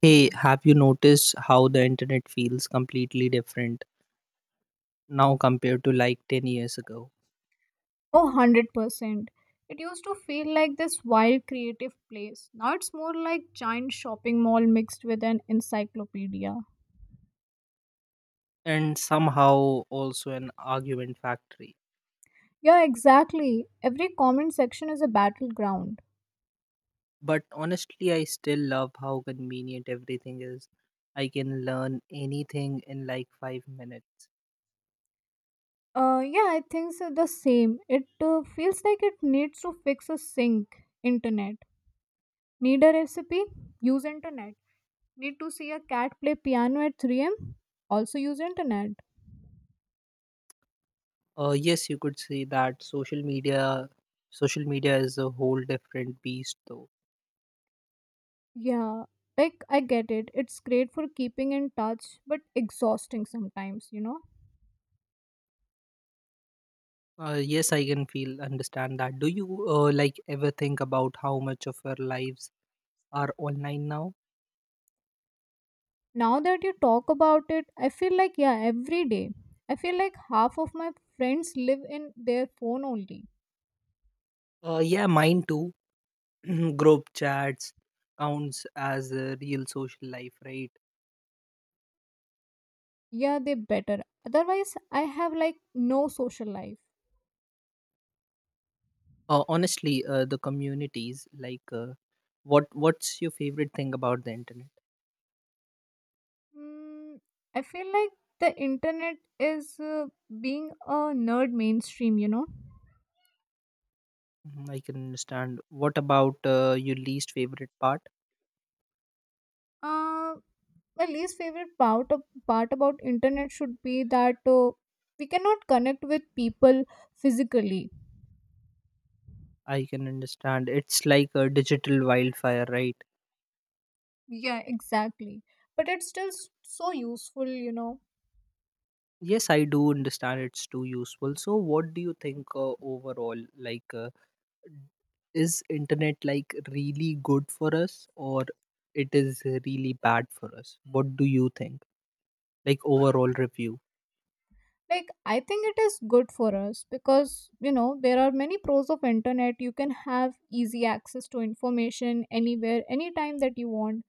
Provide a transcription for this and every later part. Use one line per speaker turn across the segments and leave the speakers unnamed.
Hey, have you noticed how the internet feels completely different now compared to like 10 years ago?
Oh, 100%. It used to feel like this wild creative place. Now it's more like giant shopping mall mixed with an encyclopedia.
And somehow also an argument factory.
Yeah, exactly. Every comment section is a battleground.
But honestly, I still love how convenient everything is. I can learn anything in like 5 minutes.
Yeah, I think so the same. It feels like it needs to fix a sink. Internet. Need a recipe? Use internet. Need to see a cat play piano at 3 a.m.? Also use internet.
Yes, you could say that social media is a whole different beast though.
Yeah, like I get it. It's great for keeping in touch, but exhausting sometimes, you know?
Yes, I can feel understand that. Do you like ever think about how much of our lives are online now?
Now that you talk about it, I feel like, yeah, every day. I feel like half of my friends live in their phone only.
Yeah, mine too. Group chats counts as a real social life, right?
Yeah, they better. Otherwise, I have like no social life.
Honestly, the communities like what's your favorite thing about the internet?
Mm, I feel like the internet is being a nerd mainstream, you know?
Mhm, I can understand. What about your least favorite part?
Uh, my least favorite part about internet should be that we cannot connect with people physically.
I can understand. It's like a digital wildfire, right?
Yeah, exactly. But it's so useful, you know.
Yes, I do understand. It's too useful. So, what do you think overall? Like. Is internet like really good for us or it is really bad for us? What do you think? Like overall review.
Like I think it is good for us, because you know there are many pros of internet. You can have easy access to information anywhere, anytime that you want.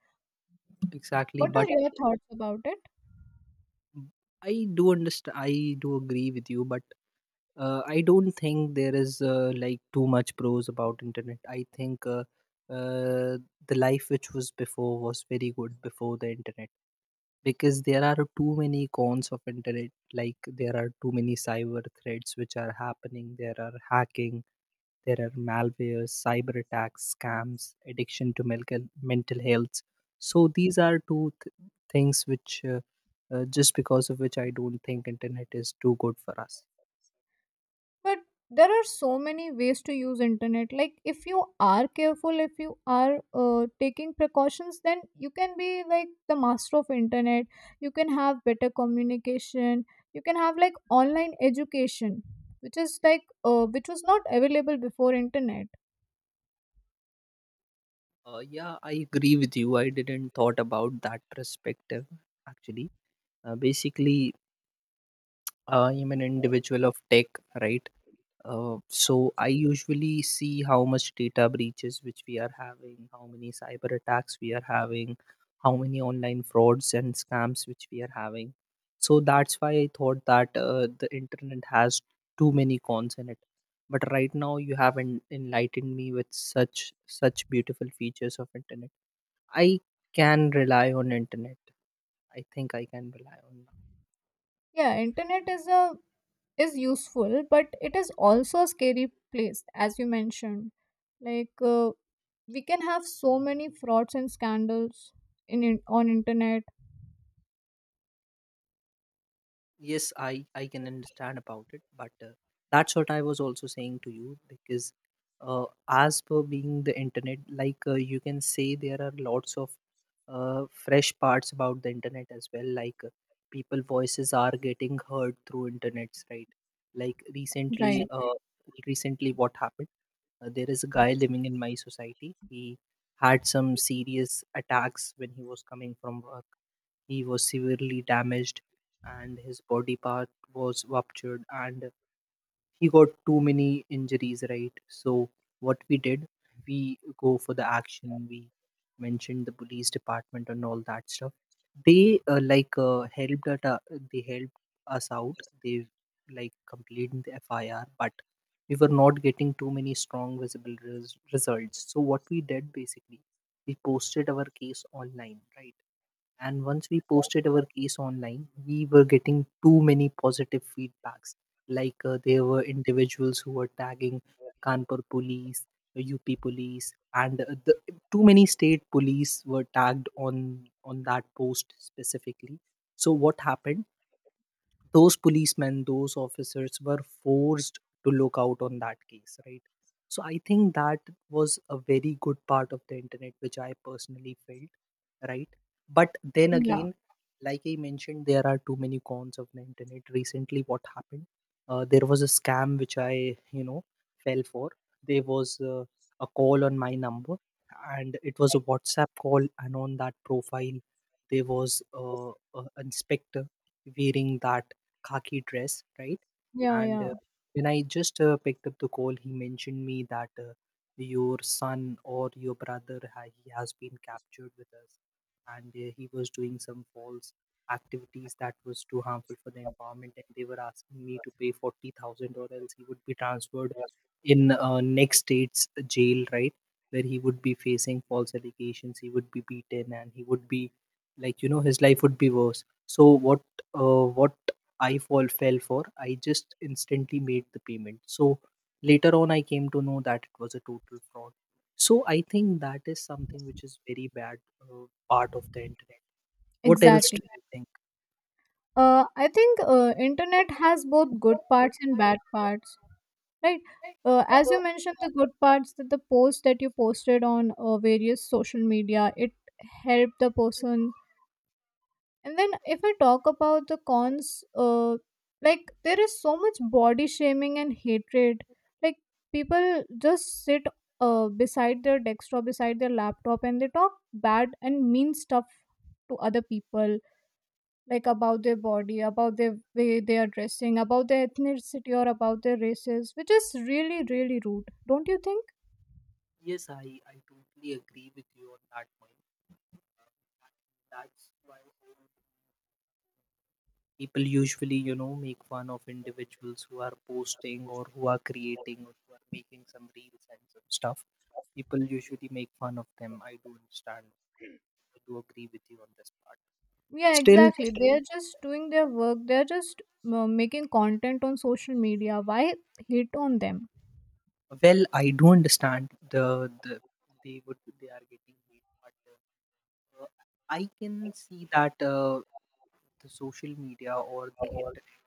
Exactly,
What are
but
your thoughts about it?
I do understand. I do agree with you, but I don't think there is like too much pros about internet. I think uh, the life which was before was very good before the internet. Because there are too many cons of internet, like there are too many cyber threats which are happening, there are hacking, there are malware, cyber attacks, scams, addiction to mental health. So these are things which just because of which I don't think internet is too good for us.
But there are so many ways to use internet. Like if you are careful, if you are taking precautions, then you can be like the master of internet. You can have better communication, you can have like online education, which is which was not available before internet.
Yeah, I agree with you. I didn't thought about that perspective actually. Basically, I am an individual of tech, right? So I usually see how much data breaches which we are having, how many cyber attacks we are having, how many online frauds and scams which we are having. So that's why I thought that the internet has too many cons in it. But right now you have enlightened me with such such beautiful features of internet. I can rely on internet. I think I can rely on.
Yeah, internet is useful, but it is also a scary place, as you mentioned. Like we can have so many frauds and scandals in on internet.
Yes, I can understand about it, but that's what I was also saying to you because as per being the internet, like you can say there are lots of fresh parts about the internet as well. Like people voices are getting heard through internets, right? Like recently
Right.
recently what happened? There is a guy living in my society. He had some serious attacks when he was coming from work. He was severely damaged and his body part was ruptured and he got too many injuries, right? So what we did, we go for the action. We mentioned the police department and all that stuff. They like they helped us out. They like completed the FIR, but we were not getting too many strong visible results. So what we did basically, we posted our case online, right? And once we posted our case online, we were getting too many positive feedbacks. Like there were individuals who were tagging Kanpur police, UP police, and too many state police were tagged on that post specifically. So what happened? Those policemen, those officers were forced to look out on that case, right? So I think that was a very good part of the internet, which I personally felt, right? But then
Yeah,
again, like I mentioned, there are too many cons of the internet. Recently, what happened? There was a scam which I, you know, fell for. There was a call on my number, and it was a WhatsApp call. And on that profile, there was an inspector wearing that khaki dress, right?
yeah,
And
yeah,
when I just picked up the call, he mentioned me that your son or your brother he has been captured with us and he was doing some false activities that was too harmful for the environment, and they were asking me to pay 40,000 or else he would be transferred in next state's jail, right? Where he would be facing false allegations, he would be beaten, and he would be, like, you know, his life would be worse. So what what I fall fell for, I just instantly made the payment. So later on I came to know that it was a total fraud. So I think that is something which is very bad part of the internet. What else do
exactly.
you think?
I think internet has both good parts and bad parts, right? As you mentioned, the good parts that the post that you posted on various social media, it helped the person. And then if I talk about the cons, like there is so much body shaming and hatred. Like people just sit beside their desktop, beside their laptop, and they talk bad and mean stuff to other people, like about their body, about their way they are dressing, about their ethnicity or about their races, which is really, really rude, don't you think?
Yes, I totally agree with you on that point. That's why people usually, you know, make fun of individuals who are posting or who are creating or who are making some reels and some stuff. People usually make fun of them. I do understand. I do agree with you on this part.
Yeah,
Still,
exactly. They are just doing their work. They are just making content on social media. Why hate on them?
well, I do understand the they are getting hate, but uh, I can see that the social media or the internet,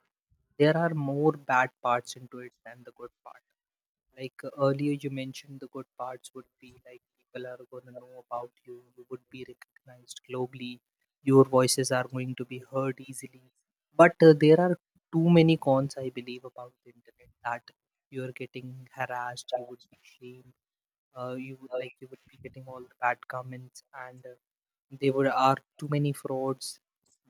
there are more bad parts into it than the good part. Like earlier, you mentioned the good parts would be like people are going to know about you, you would be recognized globally, your voices are going to be heard easily. But there are too many cons, I believe, about the internet, that you are getting harassed, you would be shamed, you would like you would be getting all the bad comments, and there were are too many frauds,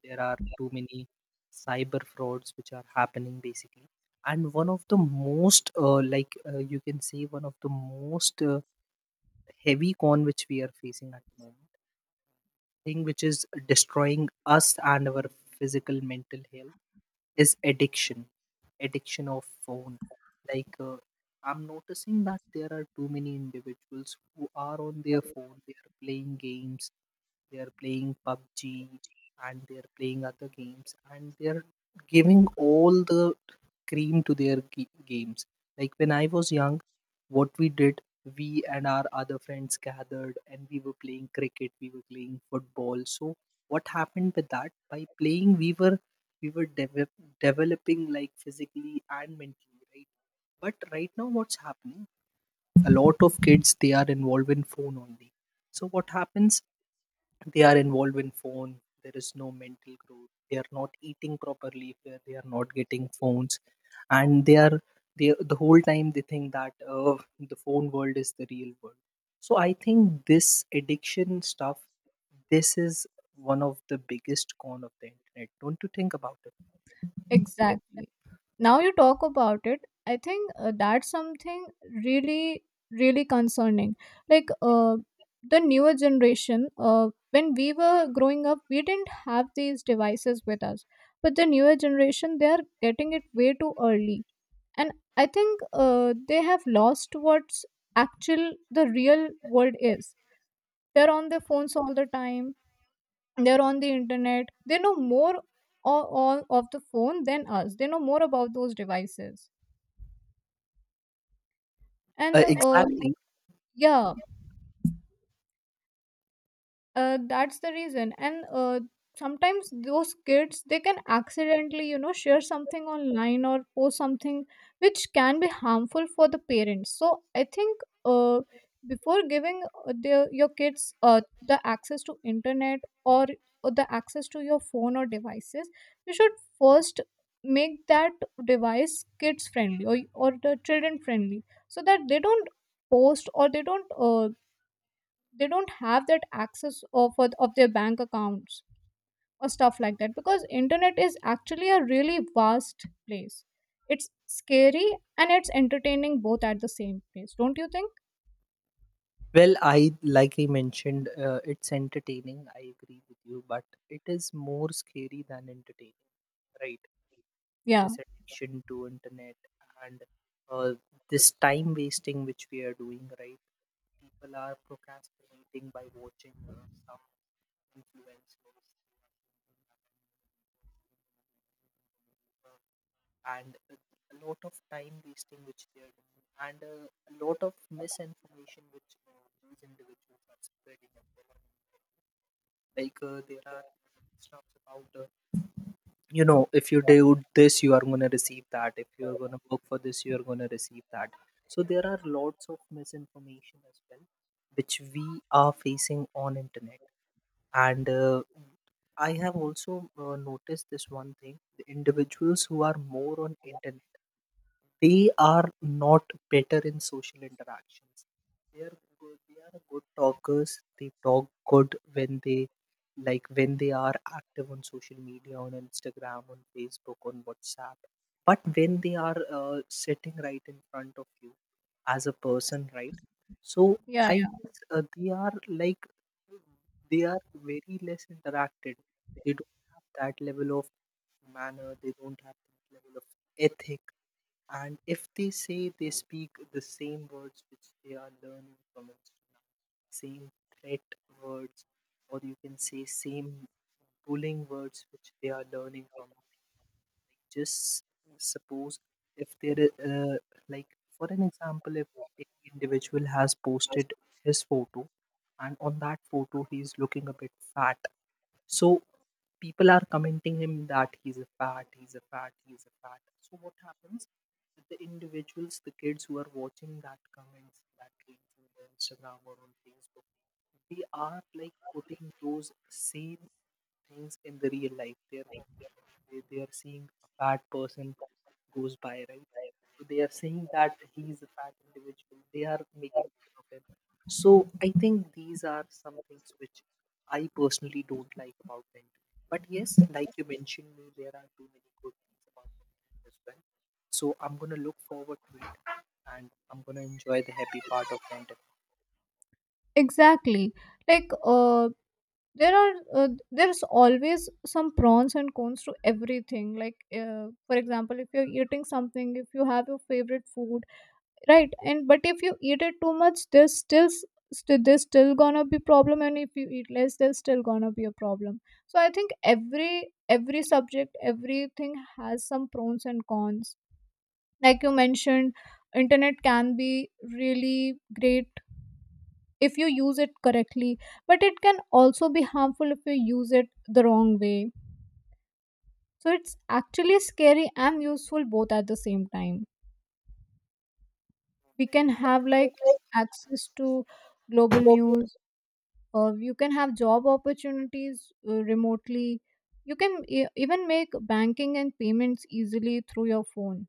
there are too many cyber frauds which are happening basically. And one of the most like you can say one of the most heavy con which we are facing at the moment, thing which is destroying us and our physical mental health is addiction, addiction of phone. Like I'm noticing that there are too many individuals who are on their phone. They are playing games, they are playing PUBG, and they are playing other games, and they are giving all the cream to their games. Like when I was young, what we did, we and our other friends gathered and we were playing cricket, we were playing football. So what happened with that? By playing, we were we were develop, developing like physically and mentally, right? But right now what's happening, a lot of kids, they are involved in phone only. So what happens, they are involved in phone. There is no mental growth, they are not eating properly, they are not getting phones, and they are, the whole time they think that the phone world is the real world. So I think this addiction stuff, this is one of the biggest con of the internet, don't you think about it?
Exactly. Now you talk about it, I think that's something really, really concerning. Like the newer generation, when we were growing up, we didn't have these devices with us. But the newer generation, they are getting it way too early. And I think they have lost what's actual, the real world is. They're on their phones all the time. They're on the internet. They know more, all of the phone, than us. They know more about those devices. and uh,
Exactly.
yeah uh, that's the reason. And sometimes those kids, they can accidentally, you know, share something online or post something which can be harmful for the parents. So I think before giving your kids the access to internet, or, or the access to your phone or devices, you should first make that device kids friendly, or the children friendly, so that they don't post, or they don't have that access of their bank accounts or stuff like that. Because internet is actually a really vast place. It's scary and it's entertaining, both at the same place, don't you think?
Well, I like I mentioned it's entertaining, I agree with you, but it is more scary than entertaining, right?
Yeah,
This addiction to internet, and uh, this time wasting which we are doing, right? People are procrastinating by watching some influencers, and a lot of time wasting which they are doing, and a lot of misinformation which these individuals are spreading as well. Like there are stuff about you know, if you do this you are going to receive that, if you are going to work for this you are going to receive that. So there are lots of misinformation as well which we are facing on internet. And I have also noticed this one thing: the individuals who are more on internet, they are not better in social interactions. They are good talkers. They talk good when they, like when they are active on social media, on Instagram, on Facebook, on WhatsApp. But when they are sitting right in front of you as a person, right? So
yeah.
I
Yeah,
guess they are like, they are very less interacted. They don't have that level of manner. They don't have that level of ethic. And if they say, they speak the same words which they are learning from Instagram, same threat words, or you can say same bullying words which they are learning from. Like just suppose, if there is, like for an example, if a individual has posted his photo, and on that photo he is looking a bit fat, so people are commenting him that he's a fat, he's a fat, he's a fat. So what happens? The individuals, the kids who are watching that comments that came on the Instagram or on Facebook, they are like putting those same things in the real life. They're they are seeing a fat person goes by, right? So they are saying that he's a fat individual. They are making fun of him. So I think these are some things which I personally don't like about Benjamin. But yes, like you mentioned me, there are too many good things about Benjamin as well. So I'm gonna look forward to it and I'm gonna enjoy the happy part of
exactly. Like there are there's always some pros and cons to everything. Like for example, if you're eating something, if you have your favorite food, right, and but if you eat it too much, there's still gonna be problem, and if you eat less, there's still gonna be a problem. So I think every subject, everything has some pros and cons. Like you mentioned, internet can be really great if you use it correctly, but it can also be harmful if you use it the wrong way. So it's actually scary and useful, both at the same time. We can have like
Benjamin.
access to global news. You can have job opportunities remotely. You can even make banking and payments easily through your phone.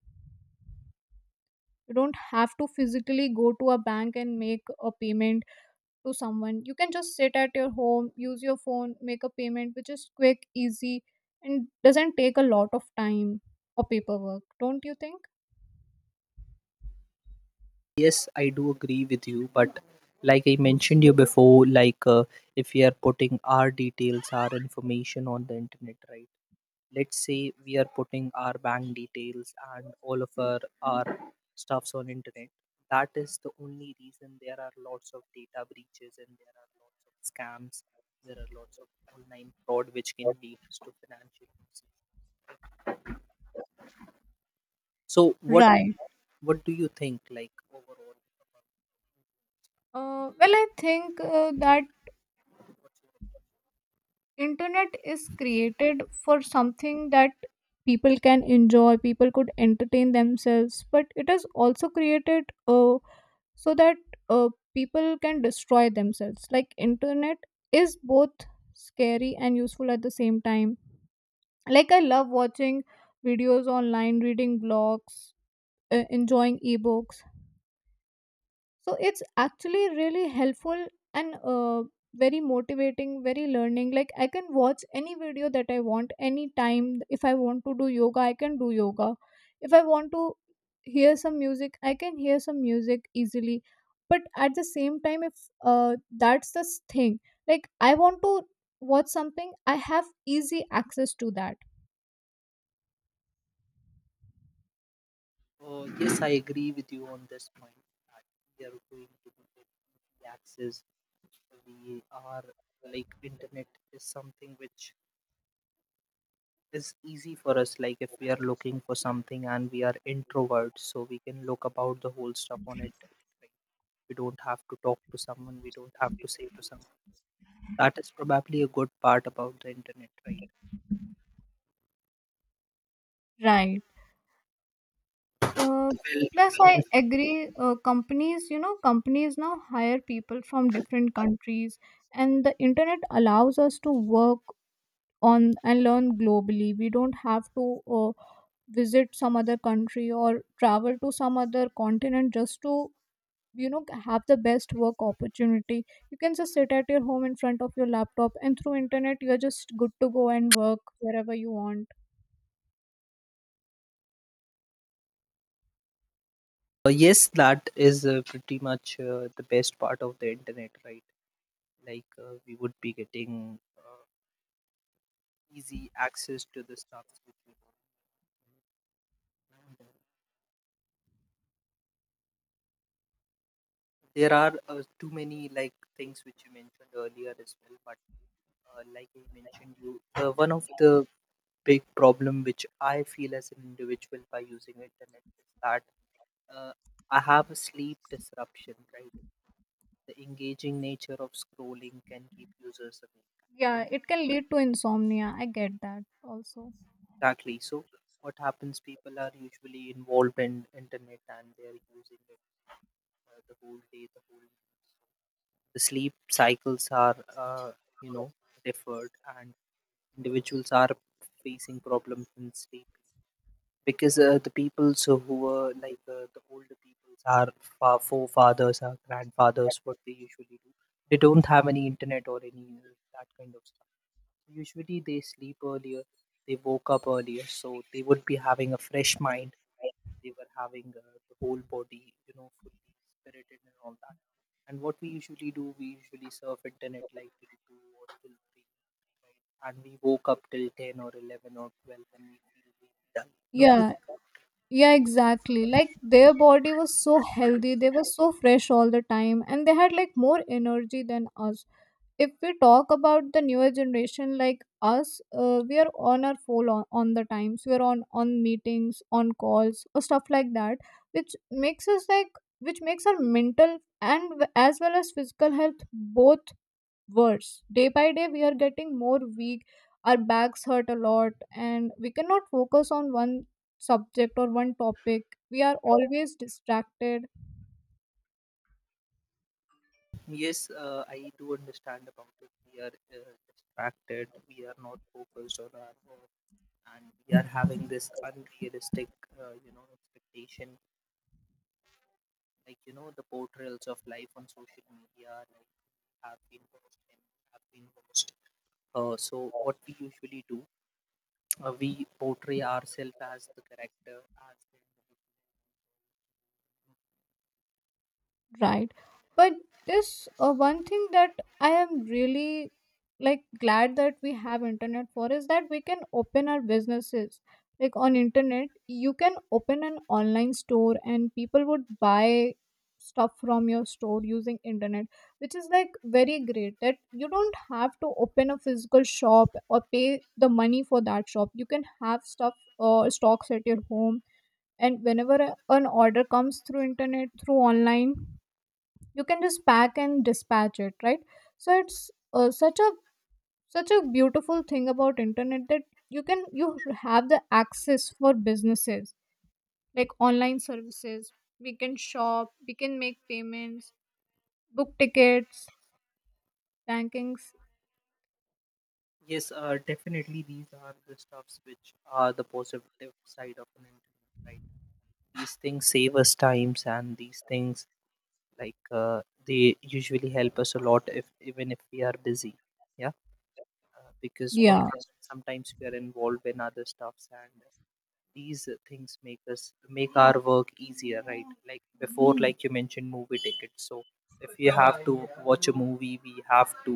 You don't have to physically go to a bank and make a payment to someone. You can just sit at your home, use your phone, make a payment, which is quick, easy, and doesn't take a lot of time or paperwork, don't you think?
Yes, I do agree with you, but like I mentioned you before, if we are putting our details, our information on the internet, right? Let's say we are putting our bank details and all of our stuffs on internet. That is the only reason there are lots of data breaches and there are lots of scams. There are lots of online fraud which can lead to financial losses. So what
Right.
what do you think, like overall,
Well, I think that
what's your,
internet is created for something that people can enjoy, people could entertain themselves. But it is also created so that uh, people can destroy themselves. Like internet is both scary and useful at the same time. Like I love watching videos online, reading blogs, enjoying ebooks. So it's actually really helpful, and very motivating, very learning. Like I can watch any video that I want anytime. If I want to do yoga, I can do yoga. If I want to hear some music, I can hear some music easily. But at the same time, if uh, that's the thing, like I want to watch something, I have easy access to that.
yes, I agree with you on this point that we are going to be get easy access. We are like internet is something which is easy for us. Like if we are looking for something and we are introverts, so we can look about the whole stuff on it. Like, we don't have to talk to someone, we don't have to say to someone. That is probably a good part about the internet, right?
Right. Uh,
Well,
Plus, I
yes,
agree. Companies, you know, companies now hire people from different countries, and the internet allows us to work on and learn globally. We don't have to visit some other country or travel to some other continent just to, you know, have the best work opportunity. You can just sit at your home in front of your laptop, and through internet, you're just good to go and work wherever you want.
yes, that is pretty much the best part of the internet, right? Like we would be getting, easy access to the stuff which we want. There are, too many like things which you mentioned earlier as well. But like I mentioned you, one of the big problem which I feel as an individual by using internet is that, uh, I have a sleep disruption, right? The engaging nature of scrolling can keep users awake.
Yeah, it can lead to insomnia. I get that also.
Exactly. So what happens? People are usually involved in internet and they are using it, the whole day, the whole night. The sleep cycles are, you know differed, and individuals are facing problems in sleep because the peoples who were like, the older peoples, our forefathers, our grandfathers, what they usually do, they don't have any internet or any that kind of stuff. Usually they sleep earlier, they woke up earlier, so they would be having a fresh mind. They were having, the whole body, you know, fully spirited and all that. And what we usually do, we usually surf internet like till two or till three, right? And we woke up till 10 or 11 or 12, and we feel we done. Don't you
Yeah.
think?
Yeah, exactly. Like their body was so healthy, they were so fresh all the time, and they had like more energy than us. If we talk about the newer generation, like us, we are on our phone on the times. We are on meetings, on calls, or stuff like that, which makes us like which makes our mental as well as physical health both worse. Day by day, we are getting more weak, our backs hurt a lot, and we cannot focus on one subject or one topic. We are always distracted.
Yes, I do understand about it. We are distracted. We are not focused on our work, and we are having this unrealistic, you know, expectation. Like you know, the portrayals of life on social media, like have been watched and have been watched. So what we usually do, we portray ourselves as the character, as the individual.
Right. But this one thing that I am really like glad that we have internet for is that we can open our businesses. Like on internet, you can open an online store and people would buy stuff from your store using internet, which is like very great. That you don't have to open a physical shop or pay the money for that shop. You can have stuff or stocks at your home, and whenever an order comes through internet, through online, you can just pack and dispatch it, right? So it's such a beautiful thing about internet, that you can you have the access for businesses, like online services. We can shop, we can make payments, book tickets, bankings.
Yes, definitely these are the stuffs which are the positive side of an internet, right? These things save us times, and these things like they usually help us a lot, if even if we are busy. Yeah, because what
Yeah.
happens sometimes we are involved in other stuffs, and these things make us make our work easier, right? Like before, like you mentioned movie tickets, so if you have to watch a movie, we have to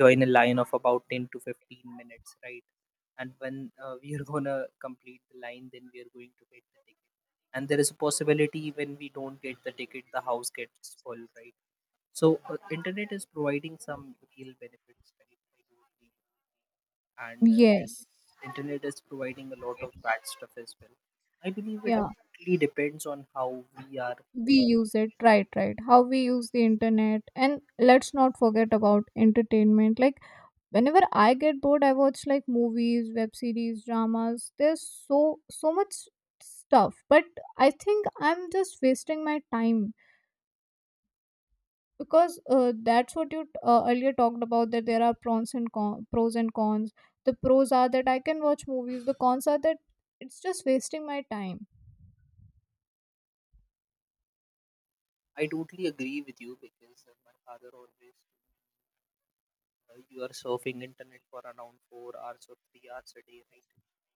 join a line of about 10 to 15 minutes, right? And when we are gonna complete the line, then we are going to get the ticket, and there is a possibility when we don't get the ticket, the house gets full, right? So internet is providing some real benefits, right? And
Yes.
internet is providing a lot of bad stuff as well. I believe it
Yeah,
really depends on how we are.
we use it, right? Right, how we use the internet. And let's not forget about entertainment. Like whenever I get bored, I watch like movies, web series, dramas. There's so so much stuff, but I think I'm just wasting my time. Because that's what you earlier talked about, that there are pros and pros and cons. The pros are that I can watch movies, the cons are that it's just wasting my time.
I totally agree with you because my father always, you are surfing internet for around 4 hours or 3 hours a day, right?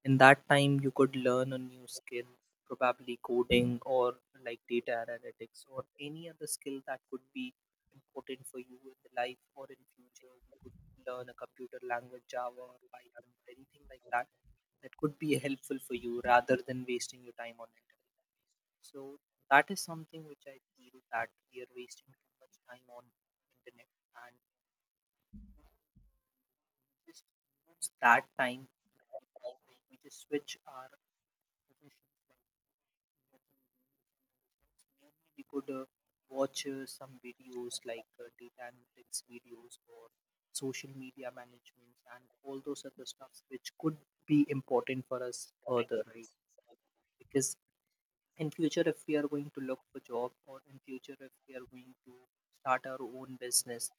In that time you could learn a new skill, probably coding or like data analytics or any other skill that could be important for you in the life or in future. You could learn a computer language, Java or Python, anything like that, that could be helpful for you rather than wasting your time on it. So that is something which I feel that we are wasting too much time on internet. And just use that time to create. Like we just switch our professions like watching reels and other stuff. Maybe we could watch, some videos like, data analytics videos or social media management and all those other stuffs which could be important for us further, right? Because in future if we are going to look for job, or in future if we are going to start our own business,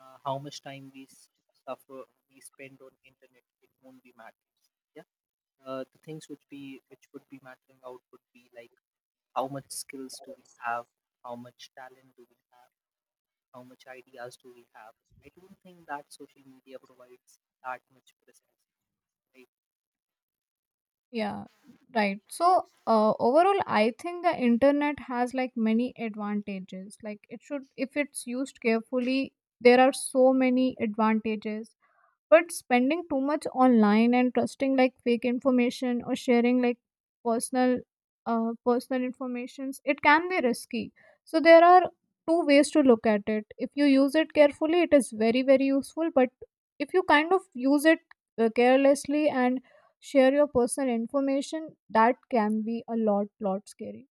how much time we suffer, we spend on internet, it won't be matters. Yeah, the things which be which would be mattering out would be like, how much skills do we have, how much talent do we have, how much ideas do we have. I don't think that social media provides that much presence, right?
Yeah, right. So overall, I think the internet has like many advantages. Like it should, if it's used carefully, there are so many advantages. But spending too much online and trusting like fake information or sharing like personal personal informations, it can be risky. So there are two ways to look at it. If you use it carefully, it is very, very useful. But if you kind of use it carelessly and share your personal information, that can be a lot lot scary.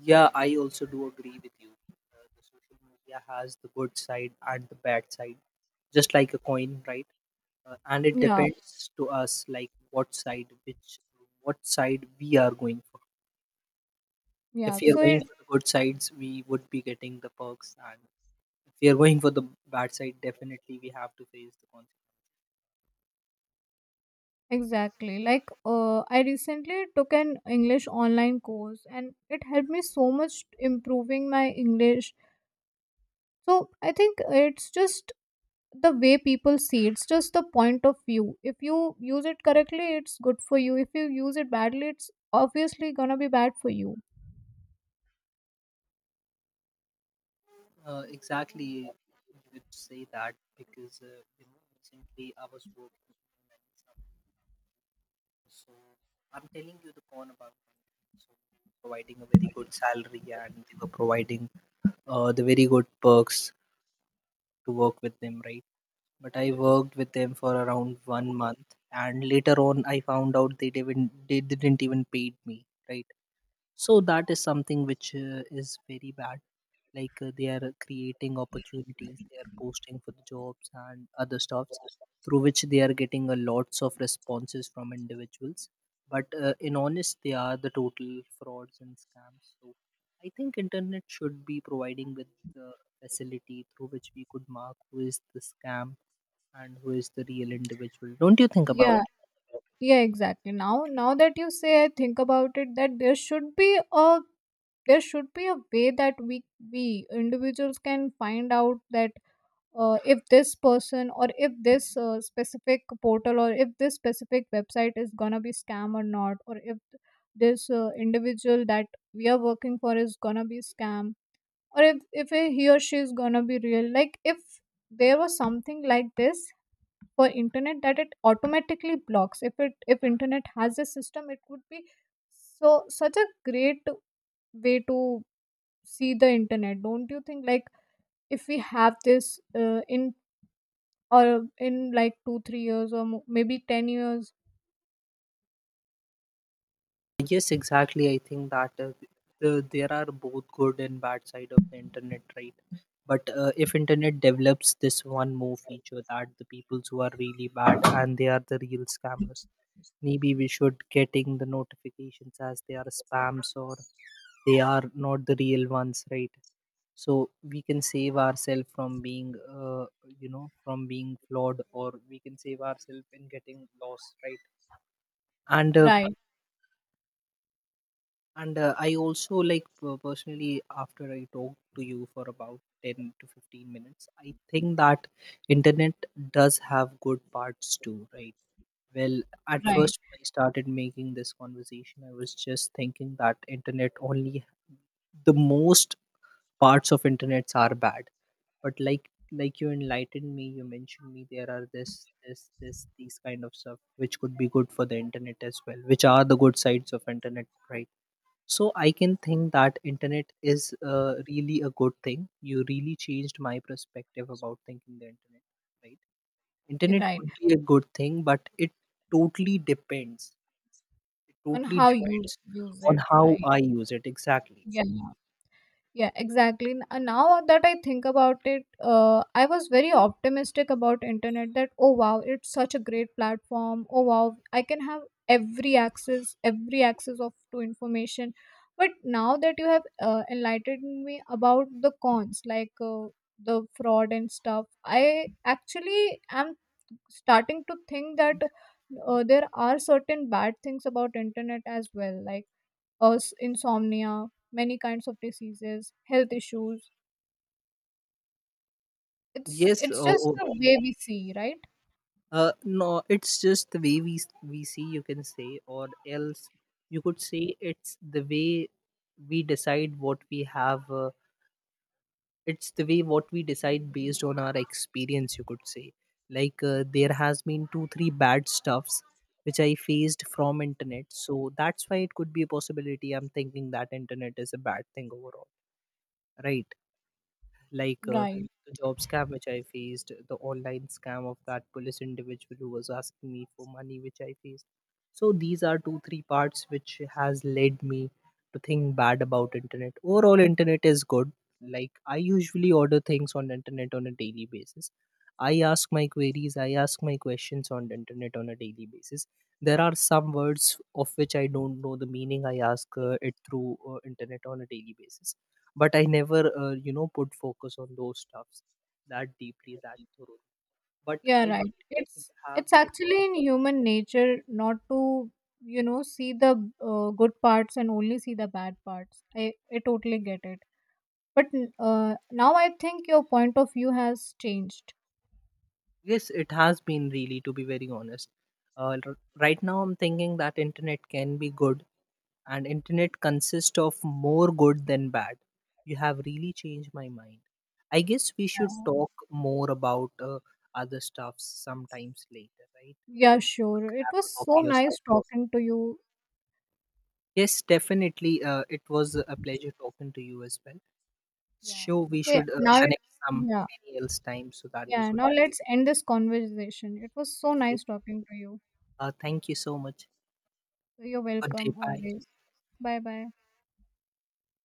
Yeah, I also do agree with you. The social media has the good side and the bad side, just like a coin, right? And it
Yeah.
depends to us, like what side, what side we are going for.
Yeah,
If we are
so it.
going for the good sides, we would be getting the perks, and if we are going for the bad side, definitely we have to face the consequences.
Exactly. Like, I recently took an English online course and it helped me so much improving my English. So, I think it's just the way people see it. It's just the point of view. If you use it correctly, it's good for you. If you use it badly, it's obviously gonna be bad for you.
Exactly, you would say that because you know, recently I was working. So I'm telling you the con about Monday. So they were providing a very good salary, and they were providing, the very good perks to work with them, right? But I worked with them for around 1 month, and later on I found out they didn't even paid me, right? So that is something which is very bad. Like they are creating opportunities, they are posting for the jobs and other stuffs, through which they are getting a lots of responses from individuals. But in honest they are the total frauds and scams. So I think internet should be providing with the facility through which we could mark who is the scam and who is the real individual. Don't you think about?
Yeah, yeah, exactly. Now that you say, I think about it, that there should be a way that we individuals can find out that if this person, or if this specific portal, or if this specific website is gonna be scam or not, or if this individual that we are working for is gonna be scam, or if he or she is gonna be real. Like if there was something like this for internet, that it automatically blocks, if it, if internet has a system, it would be such a great way to see the internet, don't you think? Like if we have this in or in like 2 3 years, or maybe 10 years.
Yes, exactly. I think that there are both good and bad side of the internet, right? But if internet develops this one more feature, that the peoples who are really bad and they are the real scammers, maybe we should getting the notifications as they are spams or they are not the real ones, right? So we can save ourselves from being, you know, from being flawed, or we can save ourselves in getting lost, right? And uh,
Right.
And I also like personally, after I talked to you for about 10 to 15 minutes, I think that internet does have good parts too, right? Well, at
Right.
first when I started making this conversation, I was just thinking that internet only, the most parts of internets are bad. But like you enlightened me, you mentioned me there are this these kind of stuff which could be good for the internet as well, which are the good sides of internet, right? So I can think that internet is, really a good thing. You really changed my perspective about thinking the internet, right? Internet
Right,
could be a good thing, but totally depends it
on
totally
how you
depends
use
on
it,
how
right.
I use it, exactly.
Yeah. Yeah, exactly. And now that I think about it, I was very optimistic about internet, that oh wow, it's such a great platform, oh wow, I can have every access of to information. But now that you have enlightened me about the cons, like the fraud and stuff, I actually am starting to think that there are certain bad things about internet as well, like insomnia, many kinds of diseases, health issues. it's
Yes,
it's just the way we see, right?
no, it's just the way we we see, you can say, or else you could say it's the way we decide what we have, it's the way what we decide based on our experience, you could say. Like there has been 2 3 bad stuffs which I faced from internet, so that's why it could be a possibility I'm thinking that internet is a bad thing overall, right? Like
Right.
the job scam which I faced, the online scam of that police individual who was asking me for money which I faced. So these are 2 3 parts which has led me to think bad about internet. Overall, internet is good. Like I usually order things on internet on a daily basis. I ask my queries, I ask my questions on the internet on a daily basis. There are some words of which I don't know the meaning. I ask it through internet on a daily basis, but I never, put focus on those stuffs that deeply, that thoroughly, but
Yeah,
I
right.
believe you
It's
have helped
actually in
me
human nature not to, you know, see the good parts and only see the bad parts. I totally get it. But now I think your point of view has changed.
out. Yes, it has been, really, to be very honest, uh, r- right now I'm thinking that internet can be good, and internet consists of more good than bad. You have really changed my mind. I guess we should
Yeah.
talk more about, other stuffs sometimes later, right?
Yeah,
We could
sure, it
grab a
was so
coffee or
nice
something.
talking to you.
Yes, definitely, it was a pleasure talking to you as well.
Yeah.
Sure, we
Okay.
should connect some
Yeah.
else time so that we
Yeah.
could.
Now let's end this conversation. It was so
Okay.
nice talking to you.
Thank you so much.
You're
Good day.
welcome
Bye.
always. Bye bye.